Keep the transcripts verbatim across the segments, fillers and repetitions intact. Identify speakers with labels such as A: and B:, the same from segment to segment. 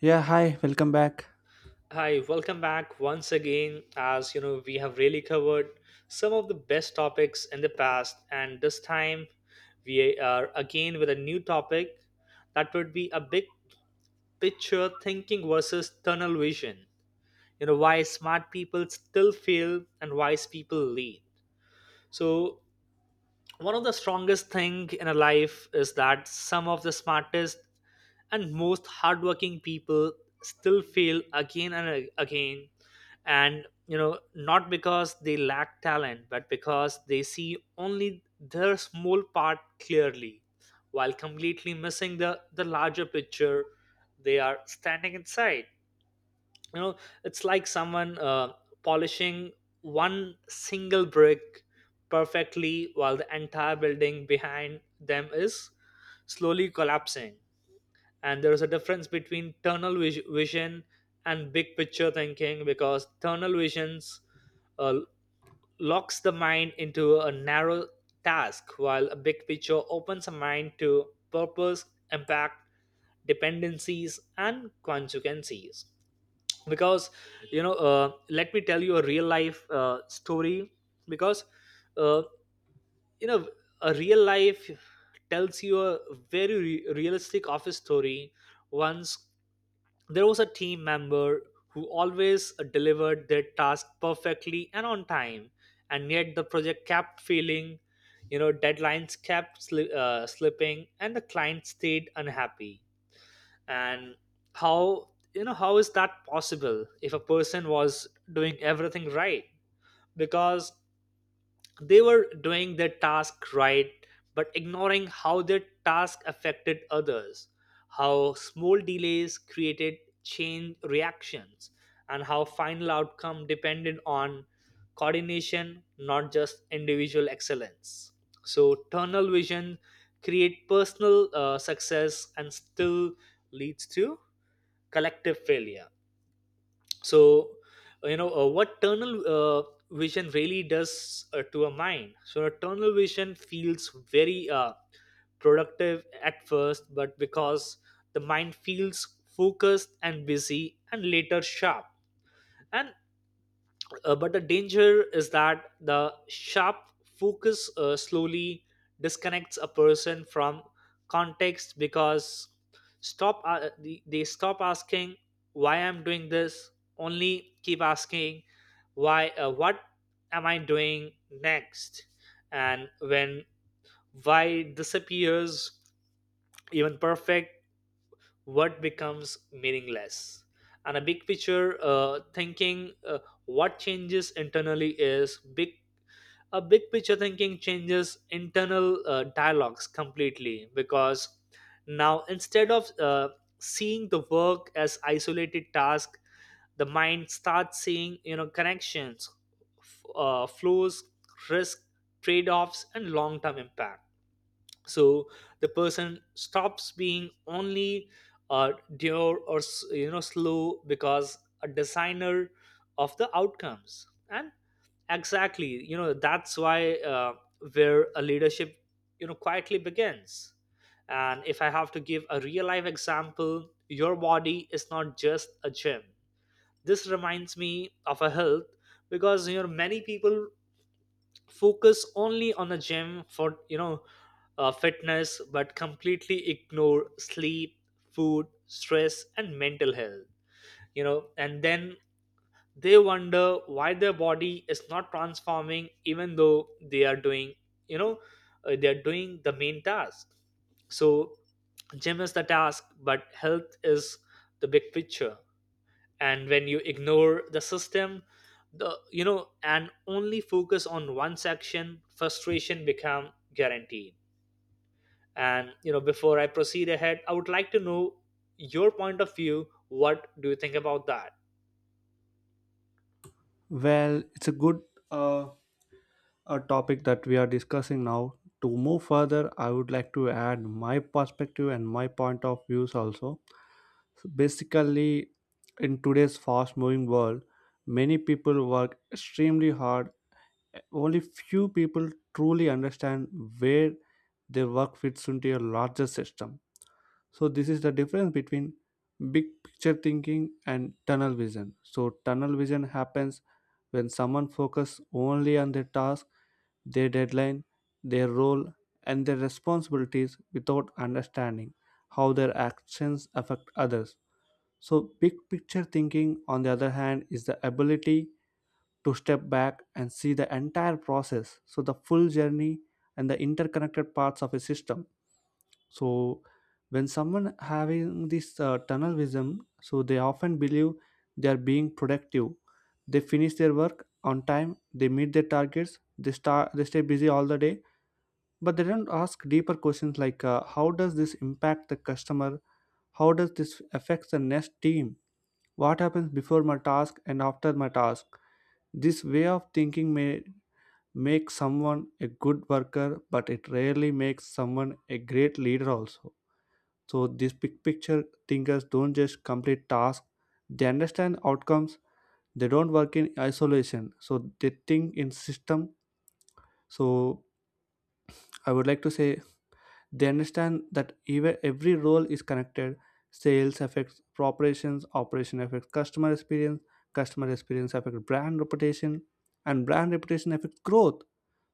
A: Yeah, hi, welcome back.
B: Hi, welcome back once again. As you know, we have really covered some of the best topics in the past, and this time we are again with a new topic that would be a big picture thinking versus tunnel vision. You know, why smart people still fail and wise people lead. So, one of the strongest thing in a life is that some of the smartest and most hardworking people still fail again and again, and you know, not because they lack talent, but because they see only their small part clearly while completely missing the the larger picture they are standing inside, you know. It's like someone uh, polishing one single brick perfectly while the entire building behind them is slowly collapsing. And there is a difference between tunnel vis- vision and big picture thinking, because tunnel visions uh, locks the mind into a narrow task, while a big picture opens a mind to purpose, impact, dependencies and consequences. Because you know, uh, let me tell you a real life uh, story, because uh, you know, a real life tells you a very re- realistic office story. Once there was a team member who always uh, delivered their task perfectly and on time, and yet the project kept failing. You know, deadlines kept sli- uh, slipping and the client stayed unhappy. And how, you know, how is that possible if a person was doing everything right? Because they were doing their task right but ignoring how their task affected others, how small delays created chain reactions, and how final outcome depended on coordination, not just individual excellence. So tunnel vision create personal uh, success and still leads to collective failure. So uh, you know, uh, what tunnel uh, vision really does uh, to a mind. So tunnel vision feels very uh, productive at first, but because the mind feels focused and busy and later sharp. And uh, but the danger is that the sharp focus uh, slowly disconnects a person from context, because stop uh, they they stop asking why I'm doing this, only keep asking why uh, what am I doing next, and when why disappears, even perfect what becomes meaningless. And a big picture uh, thinking uh, what changes internally is big a big picture thinking changes internal uh, dialogues completely, because now instead of uh, seeing the work as isolated task, the mind starts seeing, you know, connections, f- uh, flows, risk, trade-offs and long-term impact. So the person stops being only uh, demure or s- you know, slow, because a designer of the outcomes. And exactly, you know, that's why uh, where a leadership, you know, quietly begins. And if I have to give a real life example, your body is not just a gym. This reminds me of a health, because you know, many people focus only on the gym for, you know, uh, fitness, but completely ignore sleep, food, stress and mental health. You know, and then they wonder why their body is not transforming even though they are doing, you know, uh, they are doing the main task. So gym is the task, but health is the big picture. And when you ignore the system, the you know and only focus on one section, frustration become guaranteed. And you know, before I proceed ahead, I would like to know your point of view. What do you think about that?
A: Well, it's a good uh, a topic that we are discussing now. To move further, I would like to add my perspective and my point of views also. So basically, in today's fast moving world, many people work extremely hard. Only few people truly understand where their work fits into a larger system. So this is the difference between big picture thinking and tunnel vision. So tunnel vision happens when someone focuses only on their task, their deadline, their role, and their responsibilities without understanding how their actions affect others. So big picture thinking, on the other hand, is the ability to step back and see the entire process, so the full journey and the interconnected parts of a system. So when someone having this uh, tunnel vision, so they often believe they are being productive. They finish their work on time, they meet their targets, they start, they stay busy all the day, but they don't ask deeper questions like, uh, how does this impact the customer? How does this affect the next team? What happens before my task and after my task? This way of thinking may make someone a good worker, but it rarely makes someone a great leader also. So these big picture thinkers don't just complete tasks, they understand outcomes. They don't work in isolation. So they think in system. So I would like to say they understand that even every role is connected. Sales affects operations, operation affects customer experience, customer experience affects brand reputation, and brand reputation affects growth.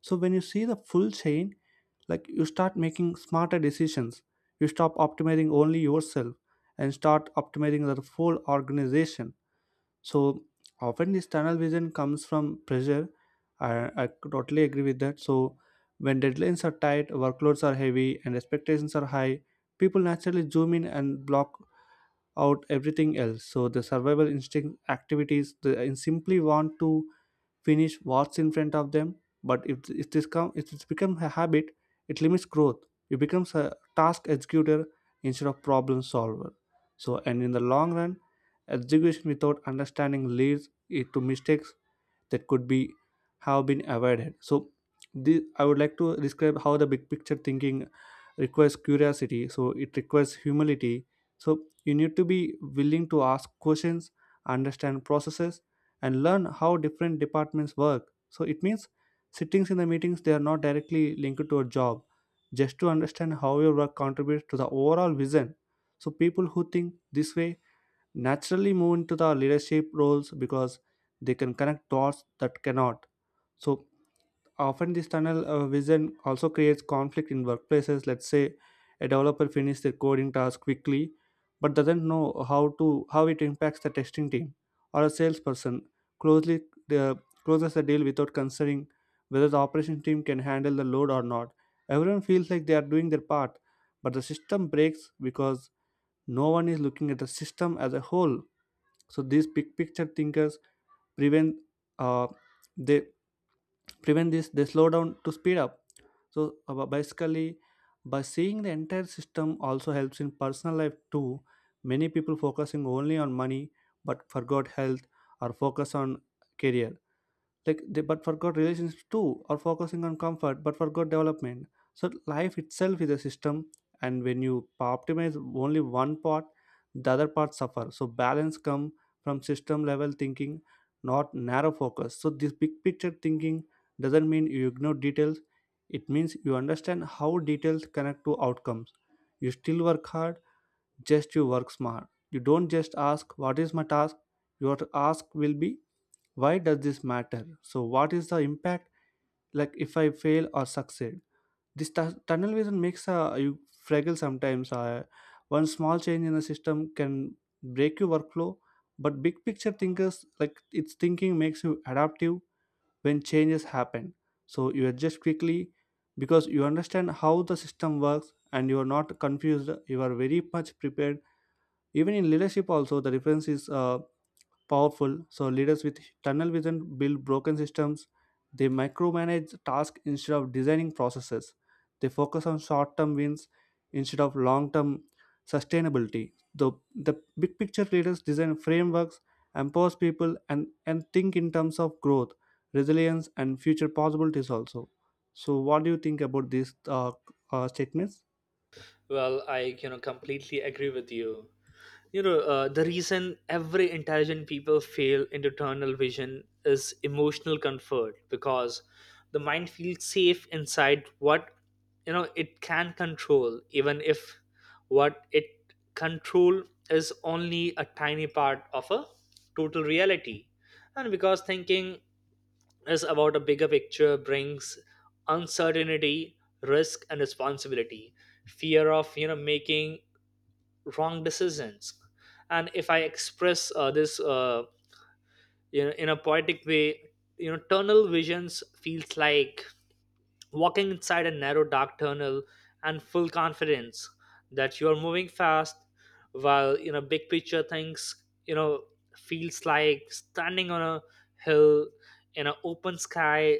A: So when you see the full chain, like you start making smarter decisions. You stop optimizing only yourself and start optimizing the full organization. So often this tunnel vision comes from pressure. I, I totally agree with that. So when deadlines are tight, workloads are heavy, and expectations are high, people naturally zoom in and block out everything else. So the survival instinct activities, they simply want to finish what's in front of them. But if, if this come, if it's become a habit, it limits growth. It becomes a task executor instead of problem solver. So and in the long run, execution without understanding leads it to mistakes that could be have been avoided. So the, I would like to describe how the big picture thinking requires curiosity, so it requires humility. So you need to be willing to ask questions, understand processes, and learn how different departments work. So it means sittings in the meetings they are not directly linked to a job, just to understand how your work contributes to the overall vision. So people who think this way naturally move into the leadership roles because they can connect dots that cannot. So often this tunnel uh, vision also creates conflict in workplaces. Let's say a developer finishes their coding task quickly but doesn't know how to how it impacts the testing team, or a salesperson closely uh, closes the deal without considering whether the operation team can handle the load or not. Everyone feels like they are doing their part, but the system breaks because no one is looking at the system as a whole. So these big picture thinkers prevent uh, they prevent this, they slow down to speed up. So uh, basically by seeing the entire system also helps in personal life too. Many people focusing only on money but forgot health, or focus on career like they but forgot relationships too, or focusing on comfort but forgot development. So life itself is a system, and when you optimize only one part, the other part suffer. So balance come from system level thinking, not narrow focus. So this big picture thinking doesn't mean you ignore details, it means you understand how details connect to outcomes. You still work hard, just you work smart. You don't just ask what is my task, your ask will be why does this matter, so what is the impact, like if I fail or succeed. This tu- tunnel vision makes uh, you fragile sometimes. Uh, one small change in the system can break your workflow, but big picture thinkers like its thinking makes you adaptive. When changes happen, so you adjust quickly because you understand how the system works, and you are not confused, you are very much prepared. Even in leadership also the difference is uh, powerful. So leaders with tunnel vision build broken systems. They micromanage tasks instead of designing processes. They focus on short-term wins instead of long-term sustainability. The the big picture leaders design frameworks, empowers people, and and think in terms of growth, resilience, and future possibilities also. So what do you think about these uh, uh, statements?
B: Well, I, you know, completely agree with you. You know, uh, the reason every intelligent people fail in eternal vision is emotional comfort, because the mind feels safe inside what, you know, it can control, even if what it control is only a tiny part of a total reality. And because thinking is about a bigger picture brings uncertainty, risk and responsibility, fear of, you know, making wrong decisions. And if I express uh, this uh, you know, in a poetic way, you know, tunnel visions feels like walking inside a narrow dark tunnel and full confidence that you are moving fast, while, you know, big picture things, you know, feels like standing on a hill in an open sky,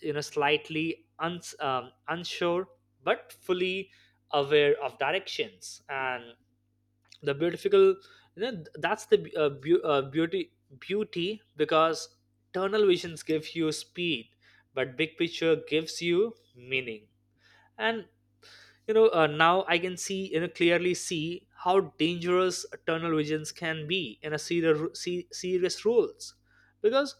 B: you know, slightly uns um, unsure, but fully aware of directions. And the beautiful, you know, that's the uh, beau- uh, beauty beauty, because tunnel visions give you speed, but big picture gives you meaning. And you know, uh, now I can see, you know, clearly see how dangerous tunnel visions can be in a serious se- serious rules, because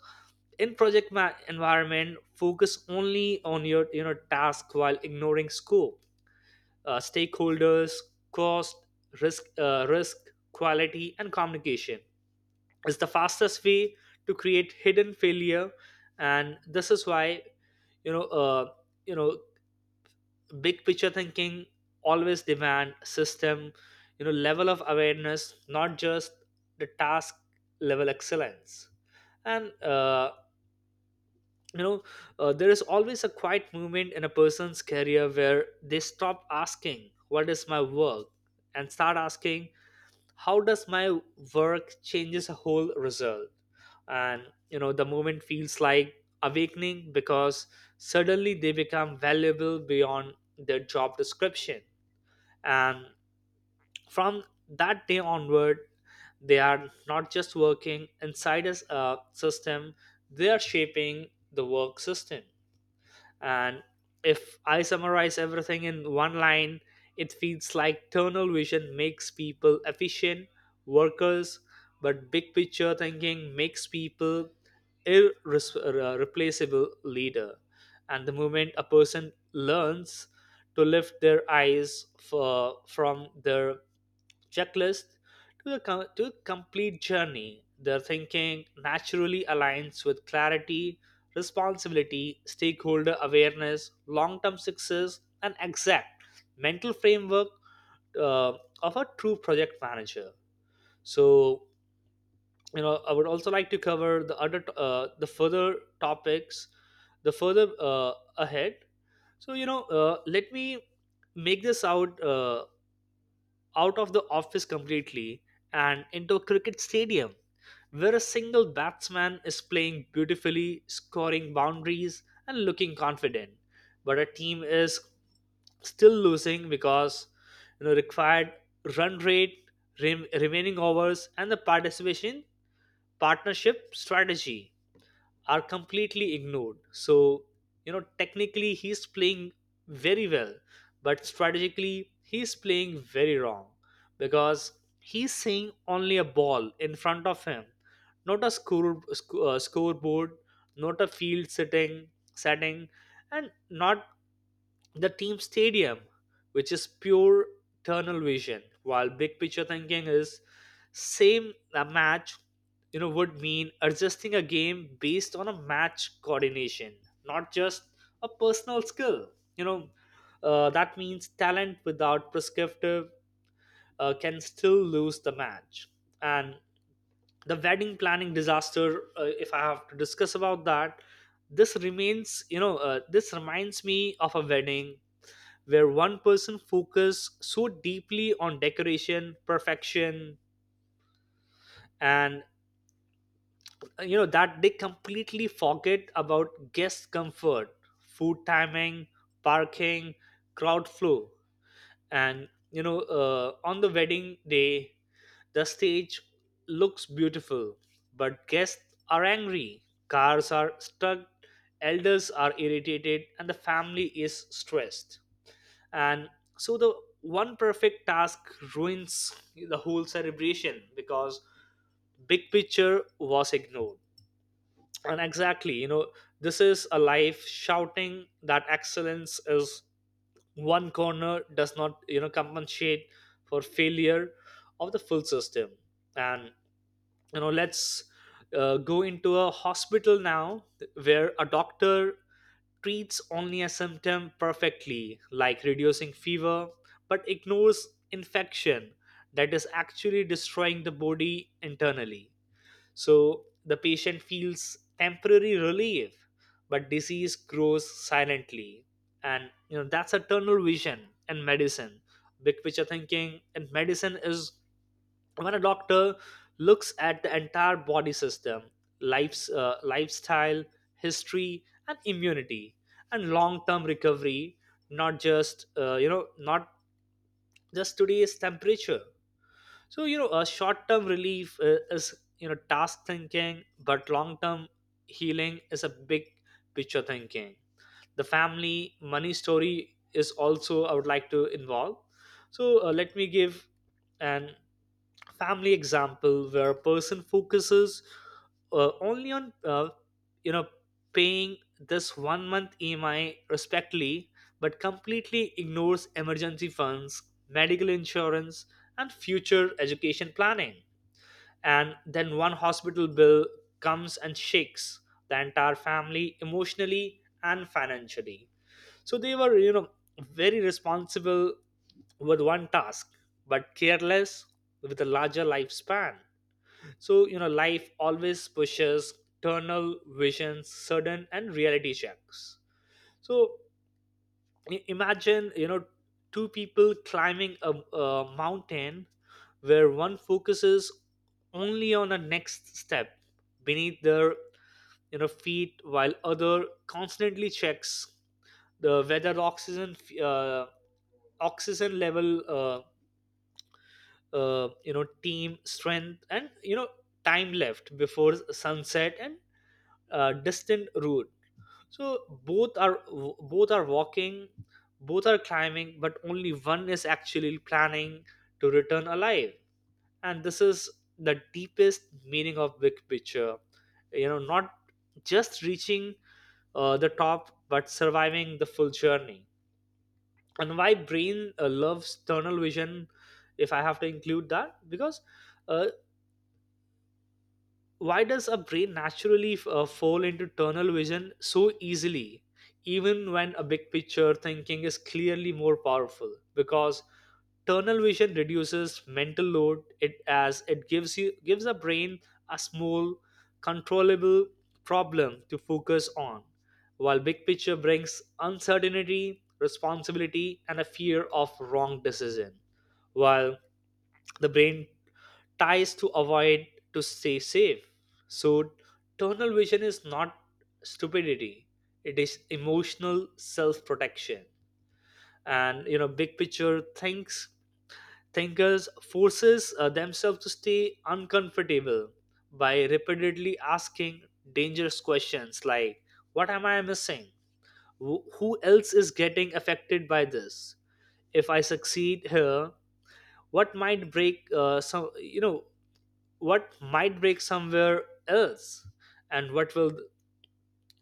B: in project ma- environment focus only on your, you know, task while ignoring scope, uh, stakeholders, cost, risk, uh, risk, quality, and communication is the fastest way to create hidden failure. And this is why, you know, uh, you know, big picture thinking always demand system, you know, level of awareness, not just the task level excellence. And uh, you know, uh, there is always a quiet moment in a person's career where they stop asking, "What is my work?" and start asking how does my work changes a whole result. And you know, the moment feels like awakening, because suddenly they become valuable beyond their job description. And from that day onward, they are not just working inside a s- uh, system, they are shaping the work system. And if I summarize everything in one line, it feels like tunnel vision makes people efficient workers, but big picture thinking makes people irreplaceable leader. And the moment a person learns to lift their eyes for, from their checklist to the co- to complete journey, their thinking naturally aligns with clarity, responsibility, stakeholder awareness, long-term success, and exact mental framework uh, of a true project manager. So, you know, I would also like to cover the other t- uh, the further topics, the further uh, ahead. So, you know, uh, let me make this out. Uh, out of the office completely and into a cricket stadium where a single batsman is playing beautifully, scoring boundaries, and looking confident. But a team is still losing because, you know, required run rate, rem- remaining overs, and the participation partnership strategy are completely ignored. So, you know, technically he's playing very well, but strategically he's playing very wrong, because he's seeing only a ball in front of him, not a score, sc- uh, scoreboard, not a field sitting setting, and not the team stadium, which is pure tunnel vision, while big picture thinking is same a match, you know, would mean adjusting a game based on a match coordination, not just a personal skill. You know, uh, that means talent without prescriptive uh, can still lose the match. And the wedding planning disaster, uh, if I have to discuss about that, this remains, you know, uh, this reminds me of a wedding where one person focus so deeply on decoration perfection. And uh, you know, that they completely forget about guest comfort, food timing, parking, crowd flow. And you know, uh, on the wedding day, the stage looks beautiful, but guests are angry, cars are stuck, elders are irritated and the family is stressed. And so the one perfect task ruins the whole celebration, because big picture was ignored. And exactly, you know, this is a life shouting that excellence is one corner does not, you know, compensate for failure of the full system. And you know, let's uh, go into a hospital now, where a doctor treats only a symptom perfectly, like reducing fever, but ignores infection that is actually destroying the body internally. So the patient feels temporary relief, but disease grows silently. And you know, that's a tunnel vision in medicine. Big picture thinking in medicine is when a doctor looks at the entire body system, life's uh, lifestyle, history, and immunity, and long-term recovery, not just uh, you know, not just today's temperature. So you know, a short-term relief uh, is, you know, task thinking, but long-term healing is a big picture thinking. The family money story is also I would like to involve. So uh, let me give an family example where a person focuses uh, only on uh, you know, paying this one month E M I respectfully, but completely ignores emergency funds, medical insurance, and future education planning. And then one hospital bill comes and shakes the entire family emotionally and financially. So they were, you know, very responsible with one task, but careless with a larger lifespan. So, you know, life always pushes tunnel visions, sudden and reality checks. So i- imagine, you know, two people climbing a, a mountain, where one focuses only on the next step beneath their, you know, feet, while other constantly checks the whether oxygen uh, oxygen level, uh, uh, you know, team strength, and you know, time left before sunset and uh, distant route. So both are both are walking, both are climbing, but only one is actually planning to return alive. And this is the deepest meaning of big picture, you know, not just reaching uh, the top, but surviving the full journey. And why brain uh, loves tunnel vision, if I have to include that, because uh, why does a brain naturally uh, fall into tunnel vision so easily even when a big picture thinking is clearly more powerful? Because tunnel vision reduces mental load, it as it gives you gives a brain a small controllable problem to focus on, while big picture brings uncertainty, responsibility and a fear of wrong decision, while the brain ties to avoid to stay safe. So, tunnel vision is not stupidity, it is emotional self protection. And you know, big picture thinks thinkers forces uh, themselves to stay uncomfortable by repeatedly asking dangerous questions like, "What am I missing? Wh- Who else is getting affected by this? If I succeed here, what might break uh, some, you know, what might break somewhere else, and what will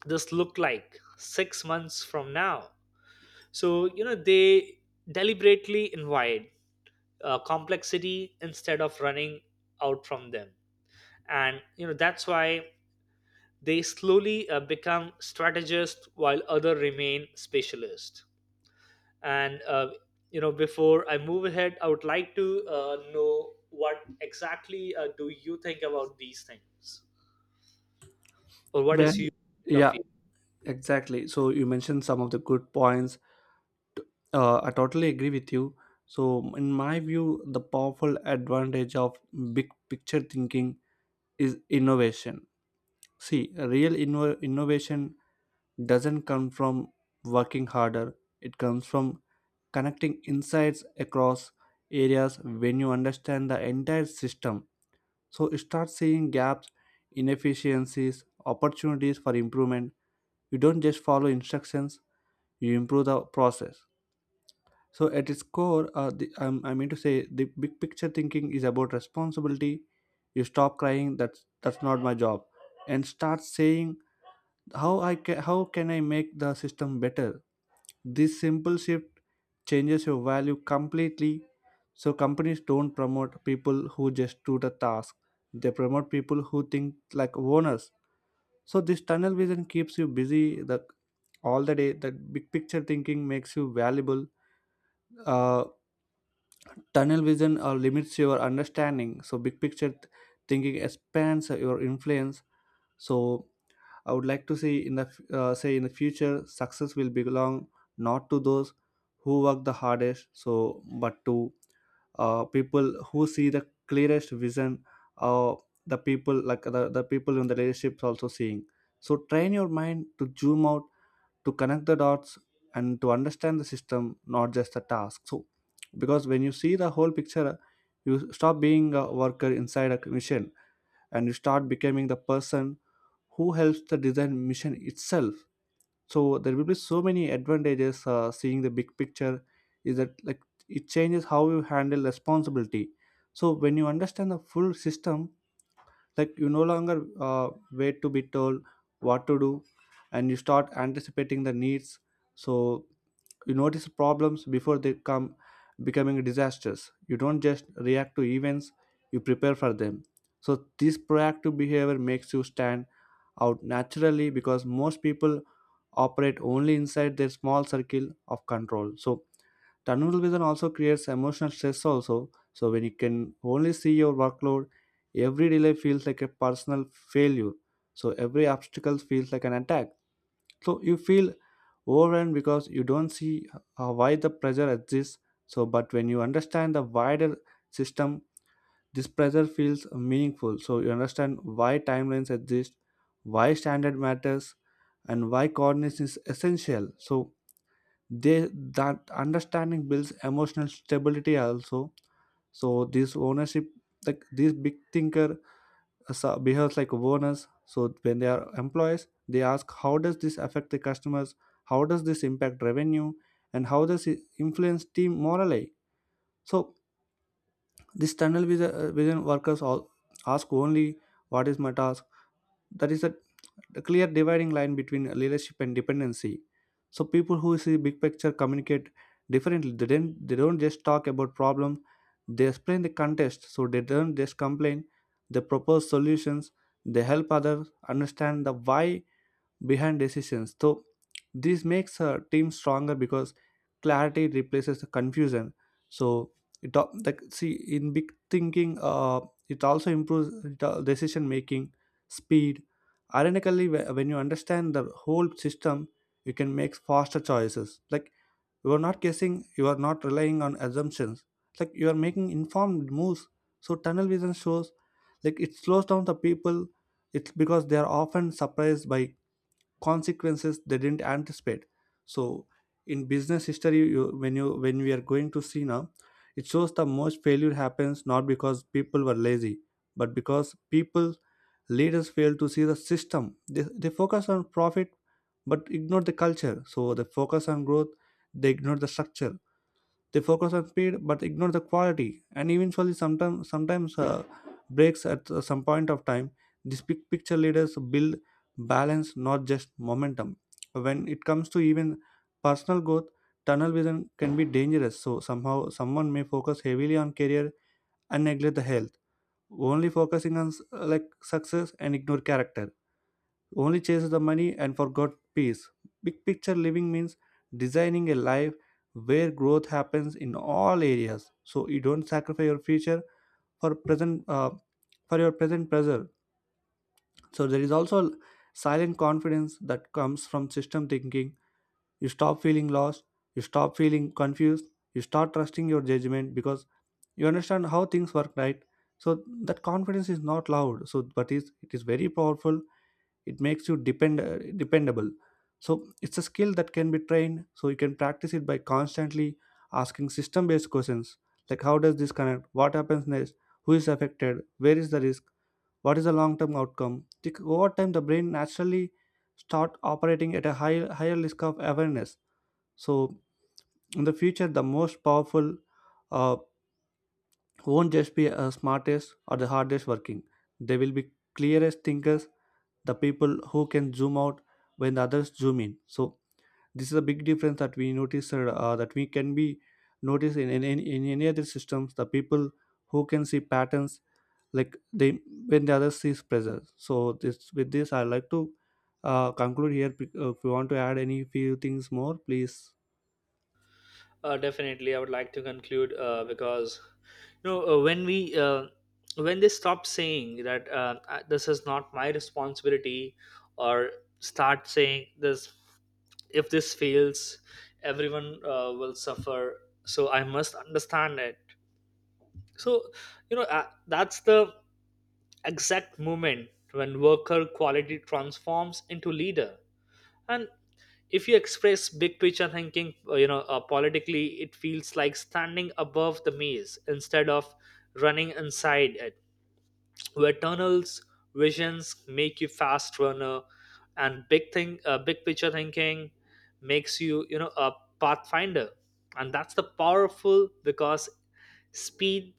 B: this look like six months from now?" So you know, they deliberately invite uh, complexity instead of running out from them. And you know, that's why they slowly uh, become strategists while other remain specialists. And uh, you know, before I move ahead, I would like to uh, know what exactly uh, do you think about these things or what
A: Well,
B: is your point of
A: yeah,
B: view.
A: exactly. So you mentioned some of the good points. Uh, I totally agree with you. So, in my view, the powerful advantage of big picture thinking is innovation. See, real inno- innovation doesn't come from working harder, it comes from connecting insights across areas when you understand the entire system. So, start seeing gaps, inefficiencies, opportunities for improvement. You don't just follow instructions, you improve the process. So at its core, uh, the, um, I mean to say, the big picture thinking is about responsibility. You stop crying. That's that's not my job, and start saying how I ca- how can I make the system better. This simple shift changes your value completely. So companies don't promote people who just do the task. They promote people who think like owners. So this tunnel vision keeps you busy the all the day. That big picture thinking makes you valuable. Uh, tunnel vision uh, limits your understanding, so big picture th- thinking expands uh, your influence. So I would like to see in the f- uh, say in the future success will belong not to those who work the hardest, so but to uh, people who see the clearest vision, uh, the people like the, the people in the leaderships also seeing. So train your mind to zoom out, to connect the dots, and to understand the system, not just the task. So because when you see the whole picture, you stop being a worker inside a mission, and you start becoming the person who helps the design mission itself. So there will be so many advantages uh, seeing the big picture is that like it changes how you handle responsibility. So when you understand the full system, like you no longer uh, wait to be told what to do, and you start anticipating the needs. So you notice problems before they come becoming disasters. You don't just react to events, you prepare for them. So this proactive behavior makes you stand out naturally because most people operate only inside their small circle of control. So tunnel vision also creates emotional stress also. So when you can only see your workload, every delay feels like a personal failure. So every obstacle feels like an attack, so you feel overwhelmed because you don't see uh, why the pressure exists. So, but when you understand the wider system, this pressure feels meaningful. So you understand why timelines exist, why standard matters, and why coordination is essential. So they that understanding builds emotional stability also. So this ownership, like this big thinker so- behaves like owners. So when they are employees they ask how does this affect the customers, how does this impact revenue, and how does it influence team morale. So this tunnel vision, uh, vision workers all ask only what is my task. That is a, a clear dividing line between leadership and dependency. So people who see big picture communicate differently. They don't, they don't just talk about problem. They explain the context. So they don't just complain. They propose solutions. They help others understand the why behind decisions. So this makes a team stronger because clarity replaces the confusion. So it al- like see in big thinking, uh, it also improves the decision making speed. Ironically, wh- when you understand the whole system, you can make faster choices. Like you are not guessing, you are not relying on assumptions. Like you are making informed moves. So tunnel vision shows, like it slows down the people. It's because they are often surprised by consequences they didn't anticipate. So in business history you, when you when we are going to see now, it shows the most failure happens not because people were lazy, but because people leaders fail to see the system. They, they focus on profit but ignore the culture. So they focus on growth, they ignore the structure, they focus on speed but ignore the quality, and eventually, sometimes sometimes uh, breaks at uh, some point of time. These big picture leaders build balance, not just momentum. When it comes to even personal growth, tunnel vision can be dangerous. So somehow, someone may focus heavily on career and neglect the health, only focusing on s- like success and ignore character, only chased the money and forgot peace. Big picture living means designing a life where growth happens in all areas. So you don't sacrifice your future for present uh, for your present pressure. So there is also silent confidence that comes from system thinking. You stop feeling lost. You stop feeling confused. You start trusting your judgment because you understand how things work, right? So that confidence is not loud. So but is it is very powerful, it makes you depend uh, dependable. So it's a skill that can be trained, so you can practice it by constantly asking system based questions like how does this connect, what happens next, who is affected, where is the risk, what is the long term outcome. Tic- over time the brain naturally start operating at a high, higher risk of awareness. So in the future the most powerful uh, won't just be the smartest or the hardest working, they will be clearest thinkers, the people who can zoom out when the others zoom in. So this is a big difference that we notice uh, that we can be noticed in, in, in, in any other systems, the people who can see patterns, like they when the other sees pressure. So this with this I like to uh, conclude here. P- uh, if you want to add any few things more, please.
B: Uh, definitely, I would like to conclude uh, because, you know, uh, when we uh, when they stop saying that, uh, I- this is not my responsibility, or start saying this, if this fails, everyone uh, will suffer. So I must understand it. So you know, uh, that's the exact moment when worker quality transforms into leader. And if you express big picture thinking, uh, you know, uh, politically, it feels like standing above the maze instead of running inside it, where tunnels visions make you fast runner and big thing uh, big picture thinking makes you, you know, a pathfinder. And that's the powerful, because speed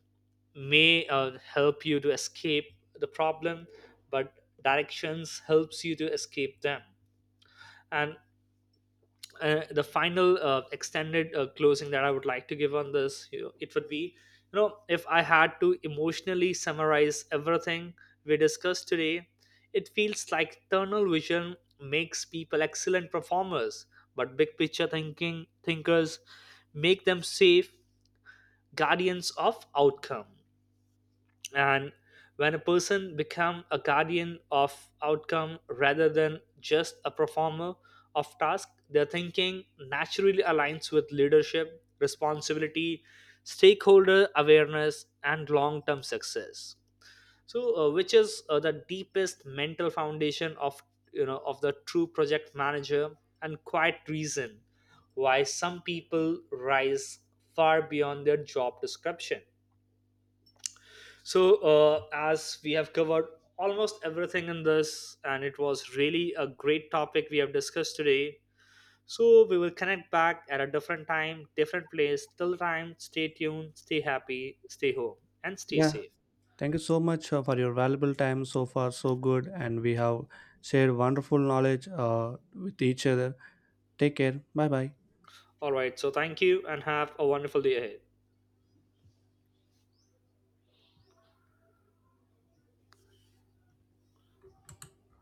B: may uh, help you to escape the problem, but directions helps you to escape them. And uh, the final uh, extended uh, closing that I would like to give on this, you know, it would be, you know, if I had to emotionally summarize everything we discussed today, it feels like tunnel vision makes people excellent performers, but big picture thinking thinkers make them safe guardians of outcome. And when a person become a guardian of outcome rather than just a performer of task, their thinking naturally aligns with leadership responsibility, stakeholder awareness and long term success. So uh, which is uh, the deepest mental foundation of, you know, of the true project manager, and quite reason why some people rise far beyond their job description. So, uh, as we have covered almost everything in this, and it was really a great topic we have discussed today. So, we will connect back at a different time, different place. Till time, stay tuned, stay happy, stay home, and stay
A: Yeah,
B: safe.
A: thank you so much uh, for your valuable time, so far so good, and we have shared wonderful knowledge uh, with each other. Take care, bye bye.
B: All right, so thank you and have a wonderful day ahead.